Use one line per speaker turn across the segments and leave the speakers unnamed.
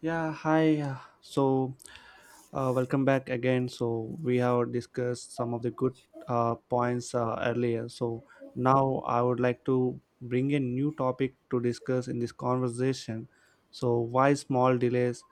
Yeah, hi. So, Welcome back again. So, we have discussed some of the good points earlier. So, now I would like to bring a new topic to discuss in this conversation. So, why small delays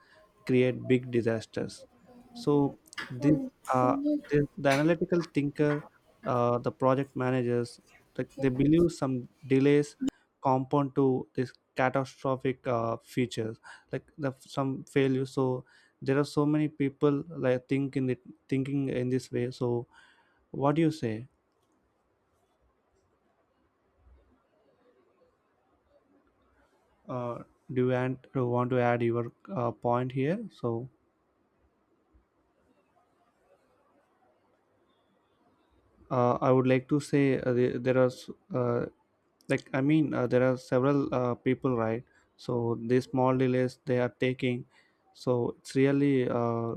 create big disasters. So this, uh, the analytical thinker, the project managers, like they believe some delays compound to this catastrophic features, like the, some failure. So there are so many people like thinking in this way. So what do you say? Uh, do you want to add your point here? So I would like to say the- there are s- uh, like I mean there are several people right, so these small delays they are taking, so it's really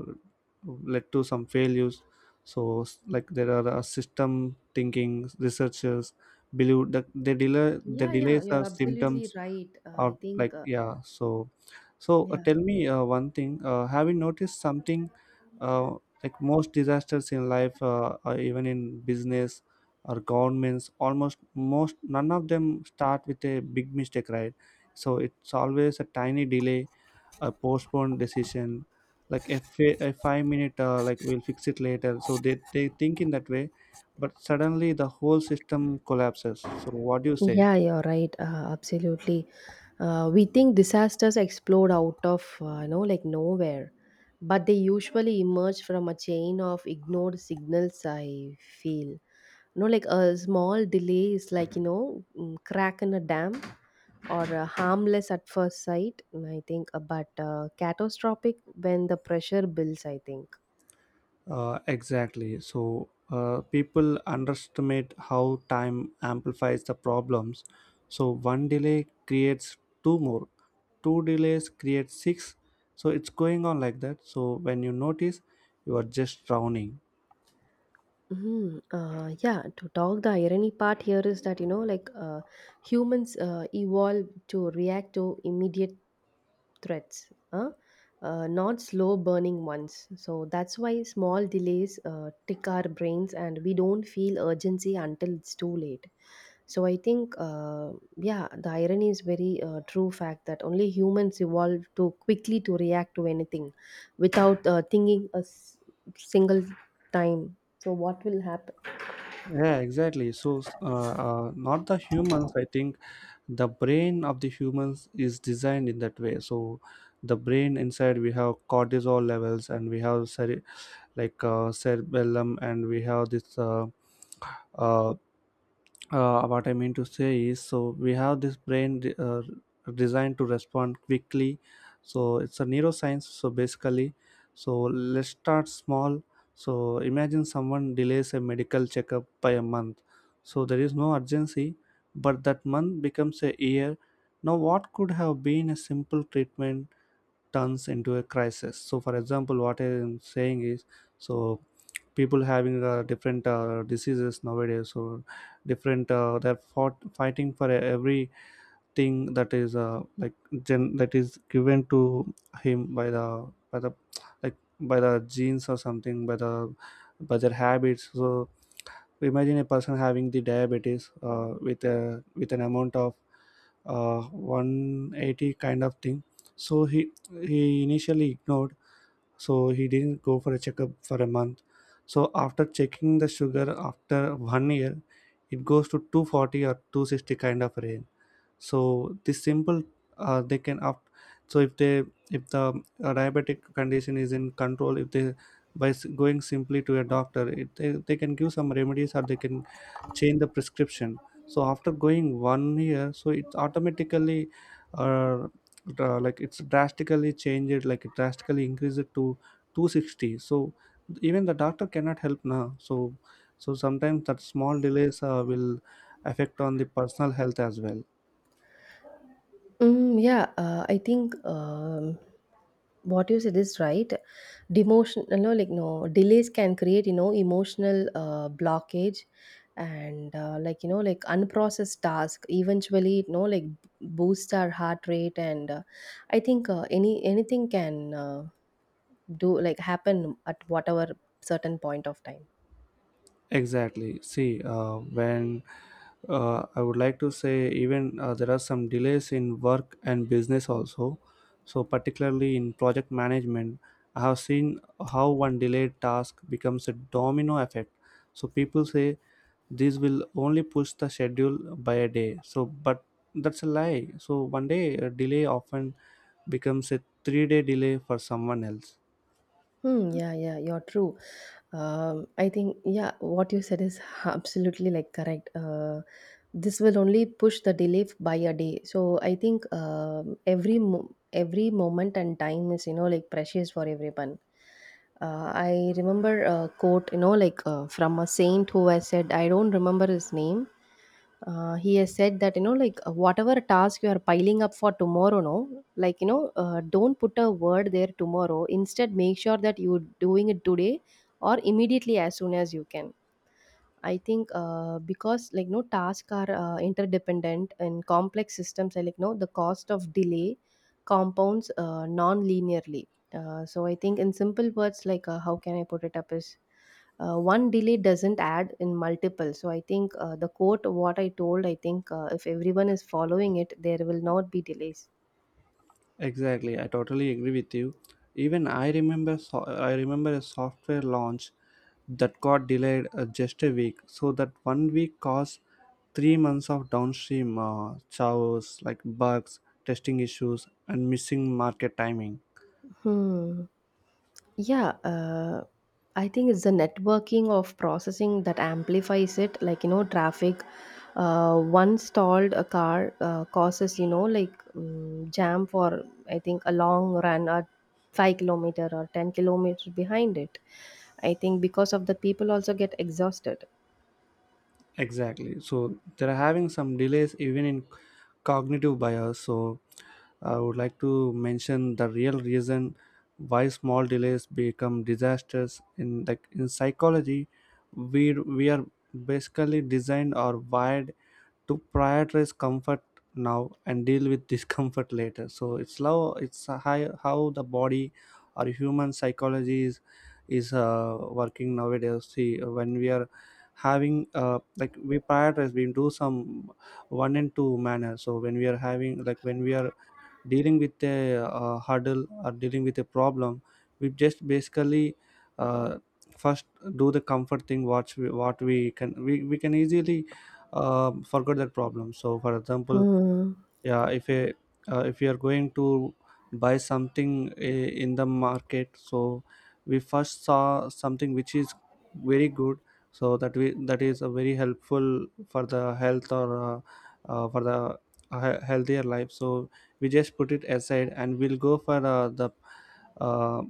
led to some failures. So like there are system thinking researchers believe that the delay the
Yeah, yeah,
delays
you're
are
absolutely
symptoms
right. Uh, I
or
think,
like,
uh,
yeah, so so
yeah,
tell me one thing, have you noticed something, uh, like most disasters in life or even in business or governments, almost most none of them start with a big mistake, right? So it's always a tiny delay, a postponed decision, like a 5 minute like we'll fix it later, so they think in that way. But suddenly the whole system collapses, so what do you say?
yeah, you're right. Absolutely. We think disasters explode out of, you know, like nowhere, but they usually emerge from a chain of ignored signals, I feel. You know, like a small delay is like, you know, mm, crack in a dam or harmless at first sight, but catastrophic when the pressure builds, I think.
Exactly. So people underestimate how time amplifies the problems. So one delay creates two more, two delays create six. So it's going on like that. So when you notice, you are just drowning.
Mhm. The irony part here is that, you know, humans evolved to react to immediate threats, huh? Not slow burning ones. So that's why small delays tick our brains and we don't feel urgency until it's too late. So I think yeah, the irony is very true fact that only humans evolved to quickly to react to anything without thinking single time. So what will happen?
Yeah, exactly. Not the humans. I think the brain of the humans is designed in that way. So, the brain inside, we have cortisol levels, and we have cerebellum, and we have this. Uh, what I mean to say is, so we have this brain designed to respond quickly. So it's a neuroscience. So basically, so let's start small. So imagine someone delays a medical checkup by a month. So there is no urgency, but that month becomes a year. Now, what could have been a simple treatment turns into a crisis. So for example what I'm saying is, so people having different diseases nowadays, or different fighting for everything that is like that is given to him by by the like the genes, or something by the, by their habits. So so, imagine a person having the diabetes uh, with an amount of 180 kind of thing. So he initially ignored, so he didn't go for a checkup for a month. So after checking the sugar after one year, it goes to 240 or 260 kind of range. So this simple, they can up so if they if the diabetic condition is in control, if they by going simply to a doctor, they can give some remedies or they can change the prescription. So after going one year, so it's automatically uh, dra- like it's drastically changed it like it drastically increased it to 260. So even the doctor cannot help now. So so sometimes that small delays will affect on the personal health as well.
Yeah, I think what you said is right. Demotion, no, like no delays can create, you know, emotional blockage, and like you know, like unprocessed task. Eventually, you know, like boost our heart rate, and I think any anything can do like happen at whatever certain point of time.
Exactly. See, when I would like to say, even there are some delays in work and business also. So, particularly in project management, I have seen how one delayed task becomes a domino effect. So, people say this will only push the schedule by a day. So, but that's a lie. So, one day a delay often becomes a 3 day delay for someone else.
Hmm, yeah, yeah, you're true. I think, yeah, what you said is absolutely like correct. This will only push the delay by a day. So I think every moment and time is you know like precious for everyone. I remember a quote you know from a saint who I said I don't remember his name, he has said that you know whatever task you are piling up for tomorrow no like you know don't put a word there tomorrow instead make sure that you're doing it today or immediately as soon as you can. I think because like no tasks are interdependent in complex systems, I like no the cost of delay compounds non-linearly. So I think in simple words, how can I put it up is one delay doesn't add in multiple. So I think the quote what I told, I think if everyone is following it, there will not be delays.
Exactly, I totally agree with you. Even I remember, I remember a software launch that got delayed just a week. So that one week caused 3 months of downstream chaos like bugs, testing issues, and missing market timing.
Hmm. Yeah, I think it's the networking of processing that amplifies it. Like, you know, traffic, one stalled a car causes, you know, like jam for, I think, a long run or 5 kilometer or 10-kilometer behind it. I think because of the people also get exhausted.
Exactly. So they're having some delays even in cognitive bias. So I would like to mention the real reason why small delays become disasters in, like in psychology, we are basically designed or wired to prioritize comfort now and deal with discomfort later. So it's how, it's a high, how the body or human psychology is working nowadays. See, when we are having, like we prioritize, we do some one and two manner. So when we are having like, when we are dealing with a hurdle or dealing with a problem, we just basically uh, first do the comfort thing, what we, we can easily forget that problem. So for example,
Hmm.
yeah, if a if you are going to buy something in the market, so we first saw something which is very good, so that we that is a very helpful for the health or for the healthier life. So we just put it aside and we'll go for the uh,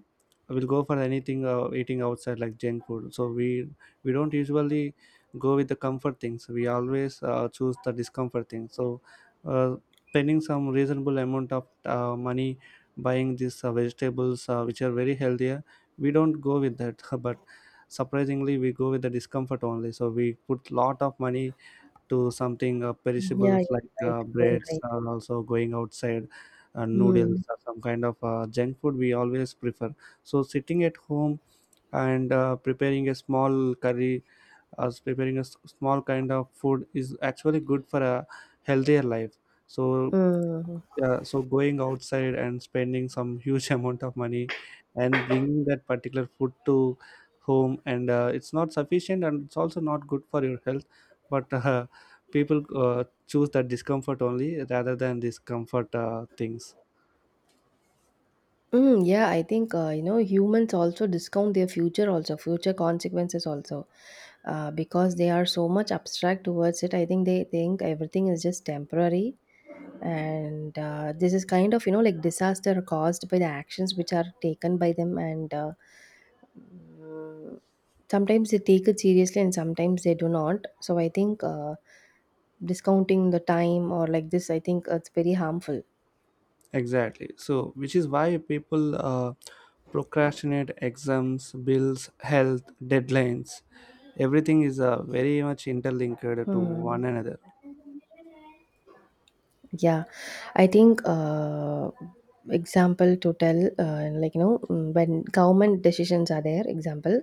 we'll go for anything eating outside like junk food. So we don't usually go with the comfort things, we always choose the discomfort things. So uh, spending some reasonable amount of money buying these vegetables which are very healthier, we don't go with that, but surprisingly we go with the discomfort only. So we put lot of money to something
Yeah, you're
perishables like
right. You're
breads,
right.
or also going outside
Hmm.
noodles or some kind of junk food we always prefer. So sitting at home and preparing a small curry or preparing a small kind of food is actually good for a healthier life. So
Hmm.
yeah, so going outside and spending some huge amount of money and bringing that particular food to home, and it's not sufficient and it's also not good for your health. But people choose that discomfort only, rather than these comfort things.
Yeah, I think you know humans also discount their future also future consequences also because they are so much abstract towards it. I think they think everything is just temporary, and this is kind of you know like disaster caused by the actions which are taken by them, and sometimes they take it seriously and sometimes they do not. So I think discounting the time or like this, I think it's very harmful.
Exactly. So which is why people procrastinate exams, bills, health, deadlines. Everything is very much interlinked to
Hmm.
one another.
Yeah, I think example to tell like you know mm, when government decisions are there. Example,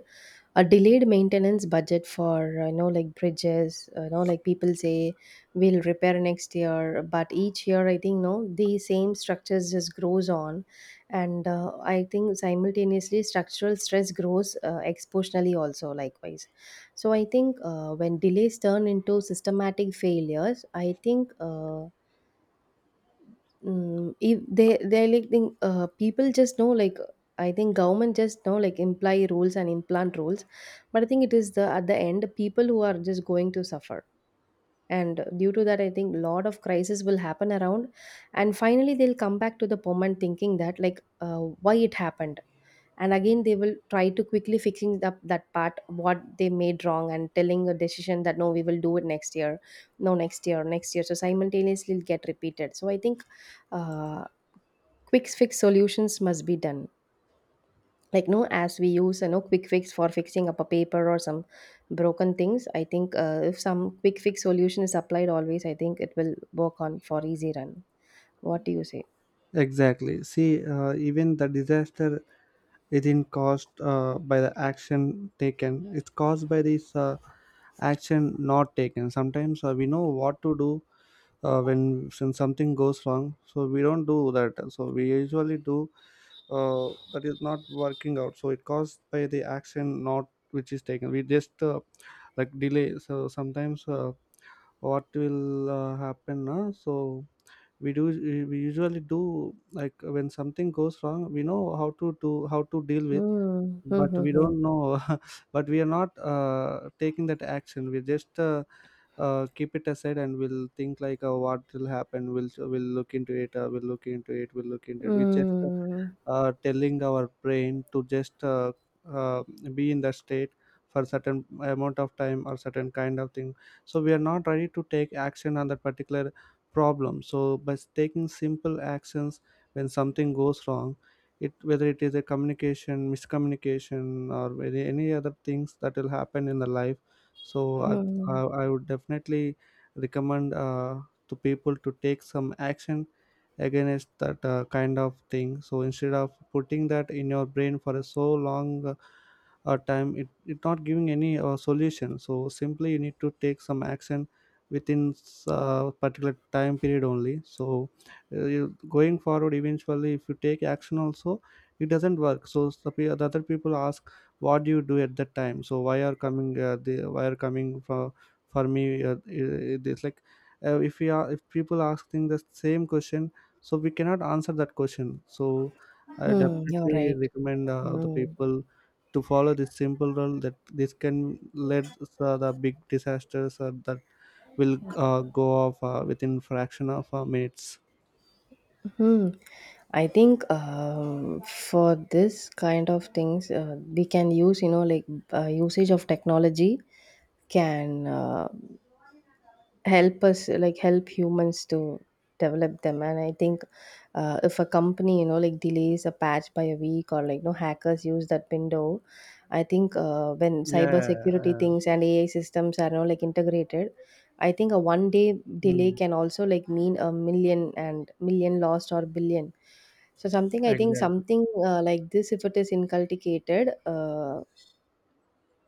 a delayed maintenance budget for you know like bridges. You know like people say we'll repair next year, but each year I think no the same structures just grows on, and I think simultaneously structural stress grows exponentially also likewise. So I think when delays turn into systematic failures, I think. Mm, if they like think people just know like I think government just know like imply rules and implant rules, but I think it is the at the end people who are just going to suffer, and due to that I think lot of crisis will happen around, and finally they'll come back to the moment thinking that why it happened, and again they will try to quickly fixing up that part what they made wrong and telling a decision that no we will do it next year, no next year next year so simultaneously it'll get repeated. So I think. Uh, quick fix solutions must be done like no as we use you know quick fix for fixing up a paper or some broken things. I think if some quick fix solution is applied always I think it will work on for easy run. What do you say?
Exactly. See, even the disaster isn't caused by the action taken, it's caused by this action not taken. Sometimes we know what to do when something goes wrong, so we don't do that. So we usually do that is not working out. So it caused by the action not which is taken. We just like delay. So sometimes what will happen now? So we do we usually do, like when something goes wrong we know how to do, how to deal with,
Hmm. Hmm.
but we
Hmm.
don't know. But we are not taking that action. We just keep it aside and we'll think like, what will happen, we'll look into it, we'll look into it. We just
Hmm.
telling our brain to just uh, be in that state for certain amount of time or certain kind of thing. So we are not ready to take action on that particular problem. So by taking simple actions when something goes wrong, it whether it is a communication, miscommunication, or any other things that will happen in the life. so
Hmm.
i, I,
Hmm.
I would definitely recommend to people to take some action against that kind of thing. So instead of putting that in your brain for a so long time, it not giving any solution. So simply you need to take some action within particular time period only. So going forward, eventually if you take action also it doesn't work. So the other people ask, what do you do at that time? So why are coming they why are coming for me? It's like, if you are, if people asking the same question, so we cannot answer that question. So I
Hmm. You're
definitely
right.
recommend the
Hmm.
people to follow this simple rule, that this can lead the big disasters that will go off within fraction of minutes.
Hmm. I think for this kind of things, we can use, you know, like usage of technology can help us like help humans to develop them, and I think if a company you know like delays a patch by a week or like no hackers use that window. I think when cyber
yeah
security
uh,
things and ai systems are now like integrated, I think a 1 day delay
mm,
can also like mean a million and million lost or billion. So something I think
exactly
something like this if it is inculcated, uh,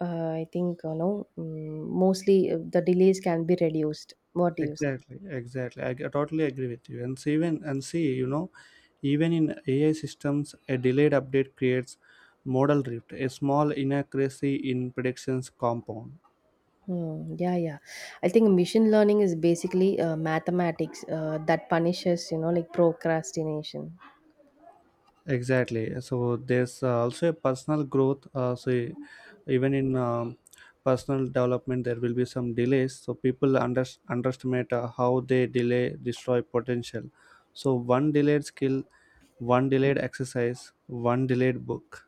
uh, I think you know mm, mostly the delays can be reduced. What do you say?
exactly, I totally agree with you. And see, even, and see you know, even in AI systems a delayed update creates model drift, a small inaccuracy in predictions compound.
Hmm. Yeah, yeah. I think machine learning is basically mathematics that punishes, you know, like procrastination.
Exactly. So there's also a personal growth. Even in personal development, there will be some delays. So people underestimate how they delay destroy potential. So one delayed skill, one delayed exercise, one delayed book.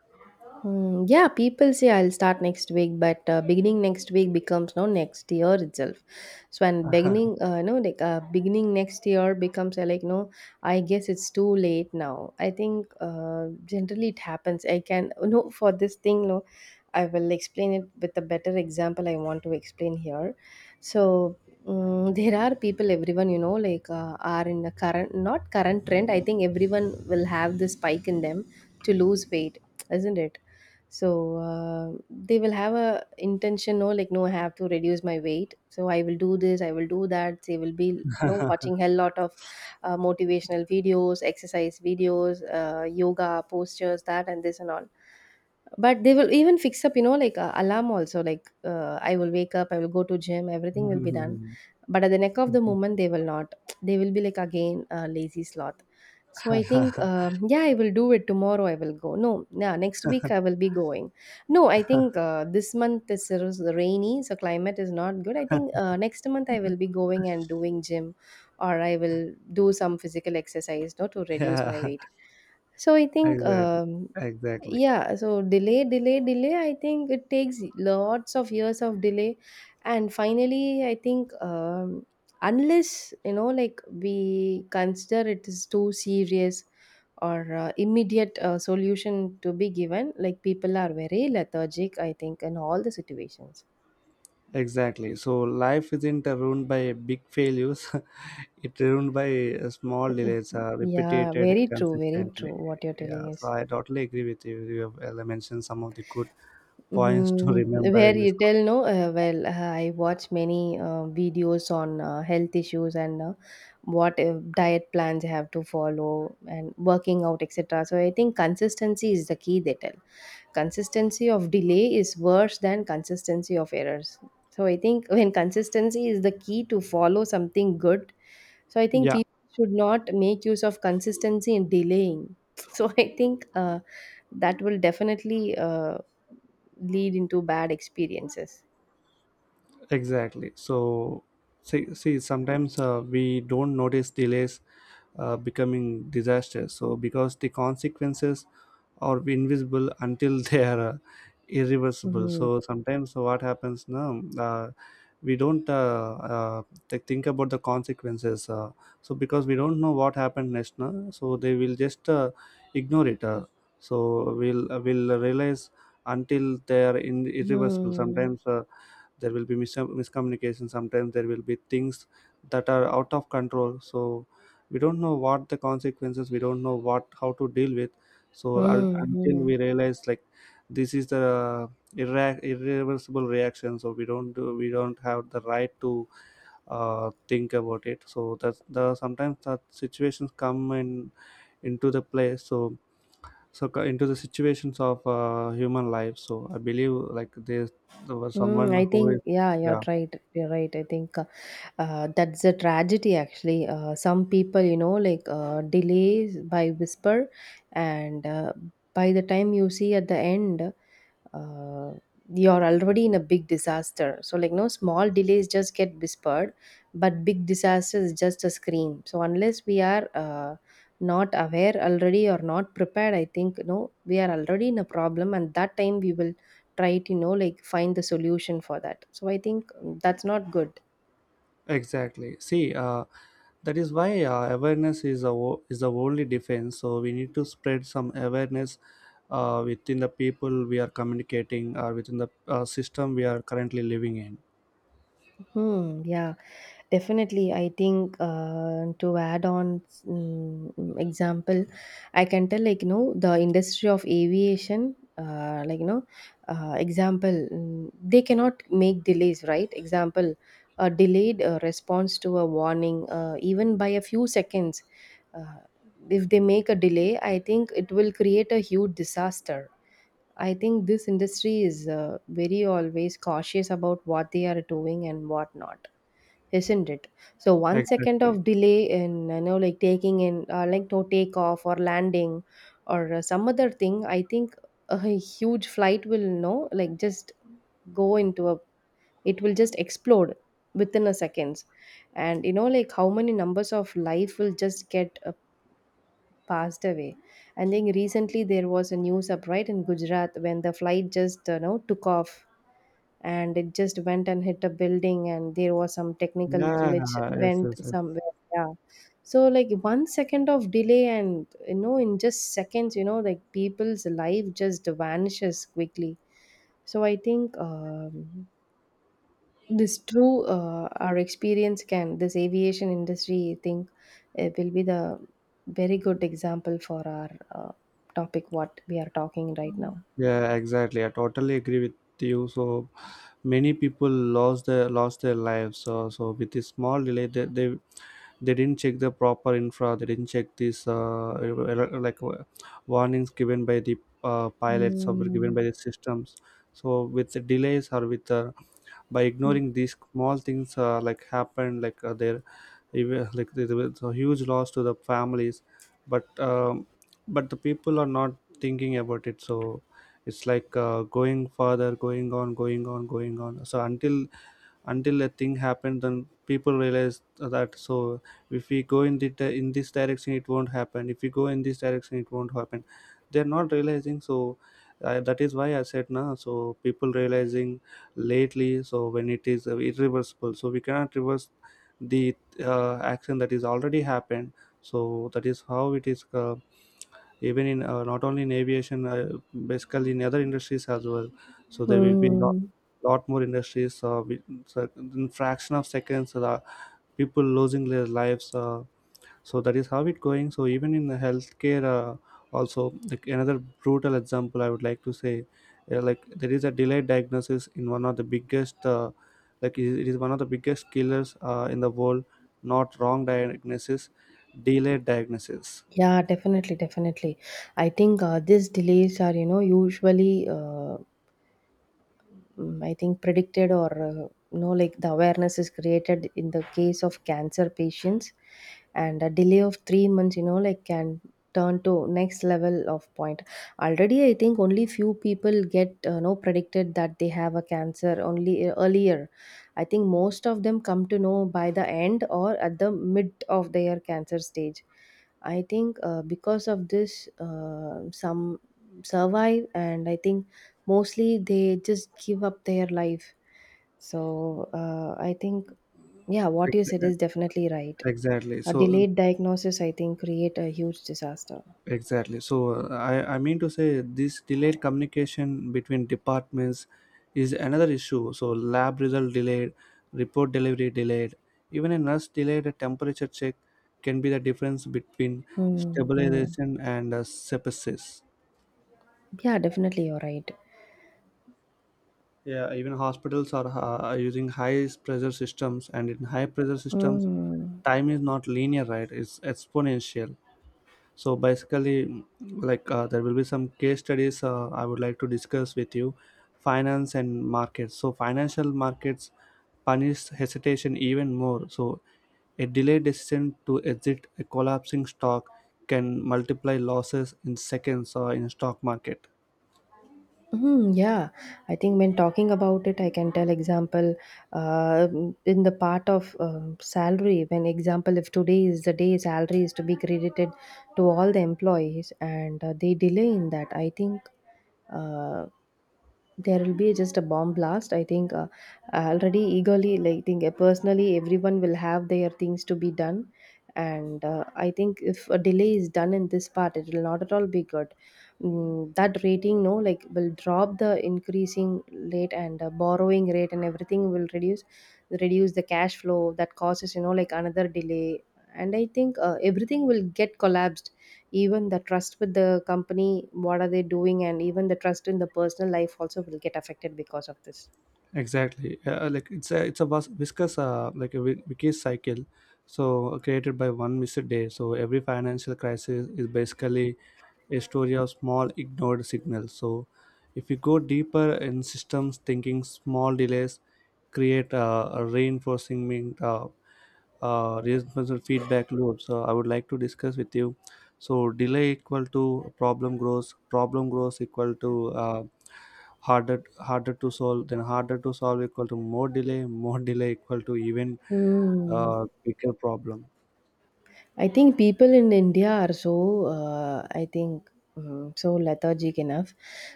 Hmm, yeah, people say I'll start next week, but beginning next week becomes no next year itself. So and beginning, no, like beginning next year becomes like no. I guess it's too late now. I think generally it happens. I can no for this thing no. I will explain it with a better example. I want to explain here. So mm there are people, everyone you know, like are in the current not current trend. I think everyone will have this spike in them to lose weight, isn't it? So they will have a intention no like no I have to reduce my weight so I will do this I will do that. They will be you know watching hell lot of motivational videos, exercise videos, yoga postures, that and this and all. But they will even fix up you know like alarm also like I will wake up I will go to gym everything will be done, but at the neck of the moment they will not, they will be like again a lazy sloth. So I think yeah I will do it tomorrow, I will go no yeah next week I will be going. No i think this month is rainy so climate is not good. I think next month I will be going and doing gym or I will do some physical exercise no to reduce my
Yeah.
weight. so i think
Exactly.
um,
Exactly.
yeah, so delay, delay, delay. I think it takes lots of years of delay, and finally, I think unless you know, like we consider it is too serious or immediate solution to be given, like people are very lethargic. I think in all the situations.
Exactly. So life isn't ruined by big failures. It ruined by small delays are
Yeah,
repeated
very true, very
consistently.
true. What you're
Yeah,
telling
so
is.
I totally agree with you. You have mentioned some of the good points to
Mhm,
remember
where
in this
you
call.
tell no, well, I watch many videos on health issues and what diet plans you have to follow and working out, etc. So I think consistency is the key. They tell consistency of delay is worse than consistency of errors. So I think when consistency is the key to follow something good, so I think
Yeah,
people should not make use of consistency in delaying. So I think that will definitely. Lead into bad experiences.
exactly. See, sometimes we don't notice delays becoming disasters, so because the consequences are invisible until they are irreversible.
Mm-hmm.
So sometimes what happens now, we don't think about the consequences, so because we don't know what happened next, no? So they will just ignore it. So we'll will realize until they are in irreversible. Sometimes there will be miscommunication. Sometimes there will be things that are out of control, so we don't know what the consequences, we don't know what, how to deal with. So until
Mm-hmm.
we realize, like, this is the irreversible reaction, so we don't do, we don't have the right to think about it. So that's the, sometimes that situations come in into the play. So into the situations of human life. So I believe, like, there was
Mm,
someone
I
who is,
think, yeah, you're
yeah.
right. You're right. I think that's a tragedy, actually. Some people, you know, like delays by whisper, and by the time you see at the end, uh, you're already in a big disaster so like no small delays just get whispered but big disaster is just a scream. So unless we are not aware already or not prepared I think no we are already in a problem and that time we will try to you know like find the solution for that. So I think mm, that's not good.
Exactly. See, that is why awareness is is the only defense. So we need to spread some awareness within the people we are communicating, or within the system we are currently living in.
Hmm, yeah, definitely. I think to add on mm, example, I can tell like you know the industry of aviation, like you know, example mm, they cannot make delays, right? Example, a delayed response to a warning, even by a few seconds. Uh, if they make a delay, I think it will create a huge disaster. I think this industry is very always cautious about what they are doing and what not, isn't it? So 1 second
Exactly.
of delay in taking in like no takeoff or landing or some other thing, I think a huge flight will just go into a it will just explode within a seconds. And you know like how many numbers of life will just get passed away. I think recently there was a news up right in Gujarat when the flight just you know took off and it just went and hit a building, and there was some technical
Yeah.
glitch
Yes,
went
yes, yes.
somewhere. Yeah. So like 1 second of delay, and you know in just seconds you know like people's life just vanishes quickly. So I think this true our experience can this aviation industry, I think it will be the very good example for our uh, topic what we are talking right now.
Yeah, exactly. I totally agree with you. So many people lost their, lost their lives. So, so with this small delay, they didn't check the proper infra, they didn't check this like warnings given by the pilots, or were given by
Mm.
the systems. So with the delays, or with by ignoring these small things, like happened, like there, even like there was a huge loss to the families, but um, but the people are not thinking about it. So it's like going further, going on so until a thing happened, then people realize that. So if we go in the, in this direction, it won't happen. If we go in this direction, it won't happen. They're not realizing. So that is why I said, now so people realizing lately, so when it is irreversible, so we cannot reverse the action that is already happened. So that is how it is, even in not only in aviation, basically in other industries as well. So there will be lot,
Mm.
lot more industries so in fraction of seconds, people losing their lives, so that is how it going. So even in the healthcare also, like, another brutal example I would like to say. Like, there is a delayed diagnosis in one of the biggest like, it is one of the biggest killers in the world. Not wrong diagnosis, delayed diagnosis.
Yeah, definitely, definitely, I think these delays are you know usually I think predicted or you know like the awareness is created in the case of cancer patients, and a delay of 3 months you know like can turn to next level of point. Already I think only few people get know predicted that they have a cancer only earlier. I think most of them come to know by the end or at the mid of their cancer stage. I think because of this, some survive, and I think mostly they just give up their life. So I think yeah what you said
Ex-
is definitely right.
exactly
A
so
delayed diagnosis I think create a huge disaster.
exactly. So I mean to say this delayed communication between departments is another issue. So lab result delayed, report delivery delayed, even a nurse delayed a temperature check can be the difference between
Hmm.
stabilization and sepsis.
Yeah, definitely, you're right.
Yeah, even hospitals are using high pressure systems, and in high pressure systems,
Mm.
time is not linear, right? It's exponential. So basically, like there will be some case studies I would like to discuss with you. Finance and markets. So financial markets punish hesitation even more. So a delayed decision to exit a collapsing stock can multiply losses in seconds, in stock market.
Mm, yeah, I think when talking about it, I can tell example uh, in the part of salary. When example, if today is the day salary is to be credited to all the employees, and they delay in that, I think uh, there will be just a bomb blast. I think already eagerly like think personally everyone will have their things to be done, and I think if a delay is done in this part it will not at all be good. Mm, that rating no like will drop the increasing rate, and borrowing rate and everything will reduce, reduce the cash flow that causes you know like another delay, and I think everything will get collapsed, even the trust with the company what are they doing, and even the trust in the personal life also will get affected because of this.
Exactly. Like, it's a viscous, like a vicious cycle, so created by one missed day. So every financial crisis is basically a story of small ignored signals. So if you go deeper in systems thinking, small delays create a reinforcement feedback loop. So I would like to discuss with you. So delay equal to problem grows equal to harder, harder to solve, then harder to solve equal to more delay equal to even
Hmm.
bigger problem.
I think people in India are so, I think, so lethargic enough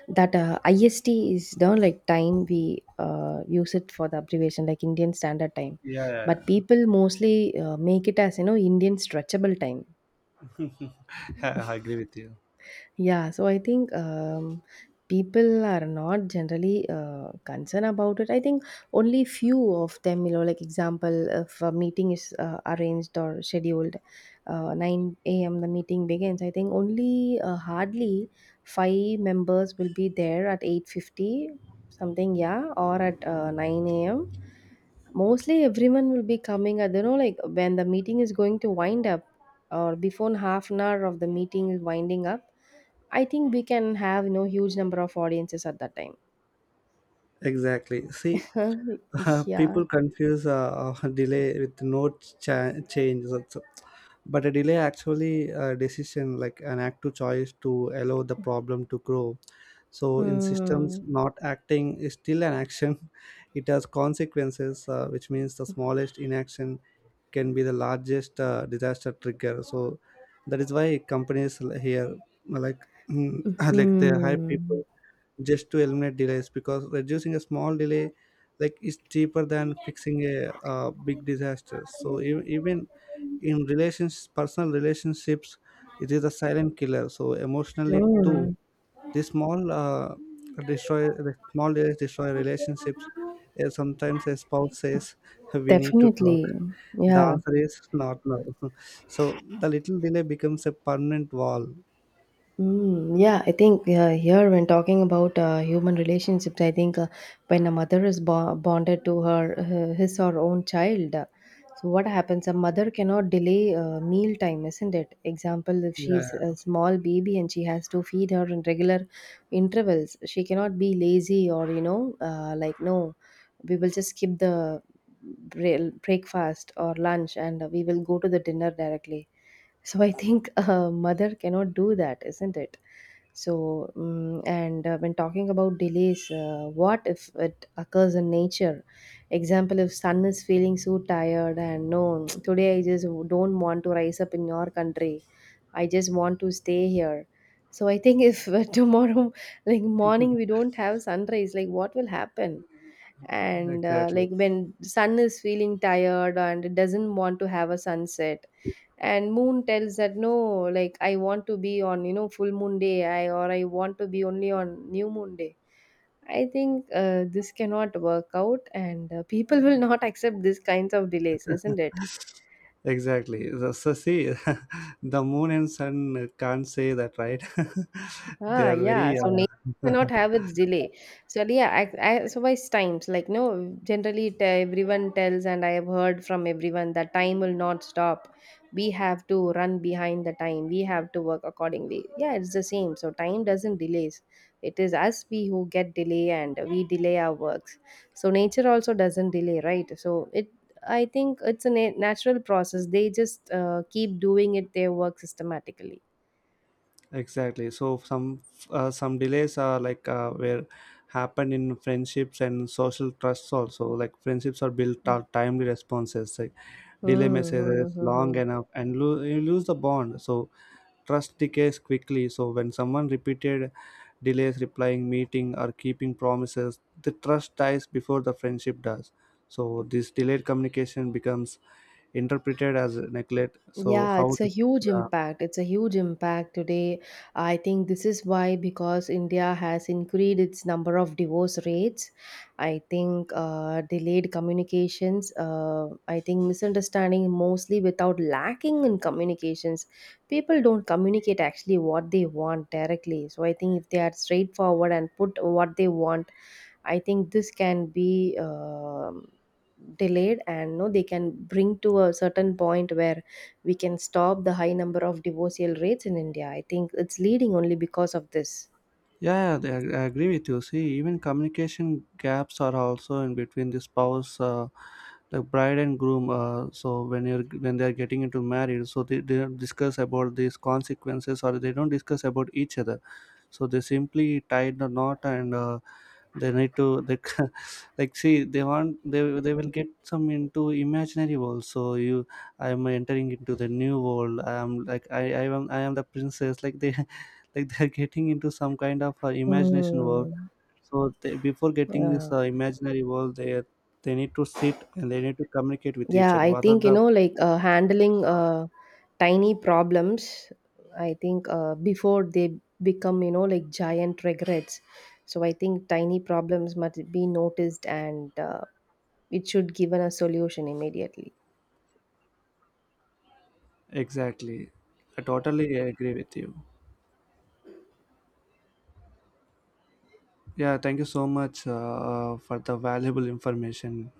that IST is down like time we use it for the abbreviation, like Indian Standard Time. But
Yeah,
people mostly make it as, you know, Indian stretchable time.
I agree with you.
Yeah, so I think people are not generally concerned about it. I think only few of them, you know, like example, if a meeting is arranged or scheduled, 9 a.m. the meeting begins. I think only hardly five members will be there at 8:50 something, yeah, or at 9 a.m. Mostly everyone will be coming at, you know, like when the meeting is going to wind up, or before half an hour of the meeting is winding up. I think we can have you know huge number of audiences at that time.
Exactly. See,
Yeah.
people confuse delay with no change also, but a delay actually a decision, like an act, to choice to allow the problem to grow. So in systems,
Mm.
not acting is still an action. It has consequences, which means the smallest inaction can be the largest disaster trigger. So that is why companies here, like, like, they hire
Mhm.
people just to eliminate delays, because reducing a small delay, like, is cheaper than fixing a, big disaster. So even in relations, personal relationships, it is a silent killer. So emotionally too,
Mm.
this small destroy the small delays destroy relationships. Sometimes a spouse says, "We need to talk."
Definitely.
The
Yeah.
answer is, "Not now." So the little delay becomes a permanent wall.
Mm, yeah, I think here when talking about human relationships, I think when a mother is bonded to her his or own child, so what happens? A mother cannot delay meal time, isn't it? Example, if she's
Yeah,
a small baby and she has to feed her in regular intervals, she cannot be lazy or you know like no, we will just skip the breakfast or lunch and we will go to the dinner directly, so I think a mother cannot do that, isn't it? So, mm and when talking about delays, what if it occurs in nature? Example, if sun is feeling so tired and no, today I just don't want to rise up in your country. I just want to stay here. So I think if tomorrow, like morning, we don't have sunrise, like what will happen? And
exactly.
like when sun is feeling tired and doesn't want to have a sunset, and moon tells that no like I want to be on you know full moon day I or I want to be only on new moon day, I think this cannot work out, and people will not accept these kinds of delays, isn't it?
Exactly. So, see, the moon and sun can't say that, right? They
Ah,
are
yeah.
very
So nature cannot have its delay. So yeah, I, so wise times like no. Generally, it, everyone tells, and I have heard from everyone that time will not stop. We have to run behind the time. We have to work accordingly. Yeah, it's the same. So time doesn't delays. It is us we who get delay, and we delay our works. So nature also doesn't delay, right? So it. I think it's a natural process. They just keep doing it their work systematically.
exactly. So some delays are like where happened in friendships and social trusts also. Like, friendships are built on timely responses. Like,
Hmm.
delay
Hmm, hmm,
messages
hmm,
long
hmm.
enough, and you lose the bond. So trust decays quickly. So when someone repeated delays replying, meeting, or keeping promises, the trust dies before the friendship does. So this delayed communication becomes interpreted as neglect. So
Yeah,
how?
it's a
To,
huge
yeah.
impact. It's a huge impact today. I think this is why because India has increased its number of divorce rates. I think delayed communications. I think misunderstanding mostly without lacking in communications. People don't communicate actually what they want directly. So I think if they are straightforward and put what they want, I think this can be. Delayed and no they can bring to a certain point where we can stop the high number of divorcial rates in India. I think it's leading only because of this.
Yeah, yeah, I agree with you. See, even communication gaps are also in between the spouse, the bride and groom. So when you're, when they're getting into marriage, so they don't discuss about these consequences, or they don't discuss about each other. So they simply tied the knot, and they need to they, like, see, they want, they will get some into imaginary world. So, you, I am entering into the new world, I am like, I am, I am the princess, like they, like they're getting into some kind of imagination world.
Hmm.
So they, before getting this
Yeah.
imaginary world, they need to sit and they need to communicate with each
Yeah,
other,
I
what are
think, you
the
know, like handling tiny problems, I think before they become, you know, like giant regrets. So I think tiny problems must be noticed, and it should given a solution immediately.
exactly. I totally agree with you. Yeah, thank you so much, for the valuable information.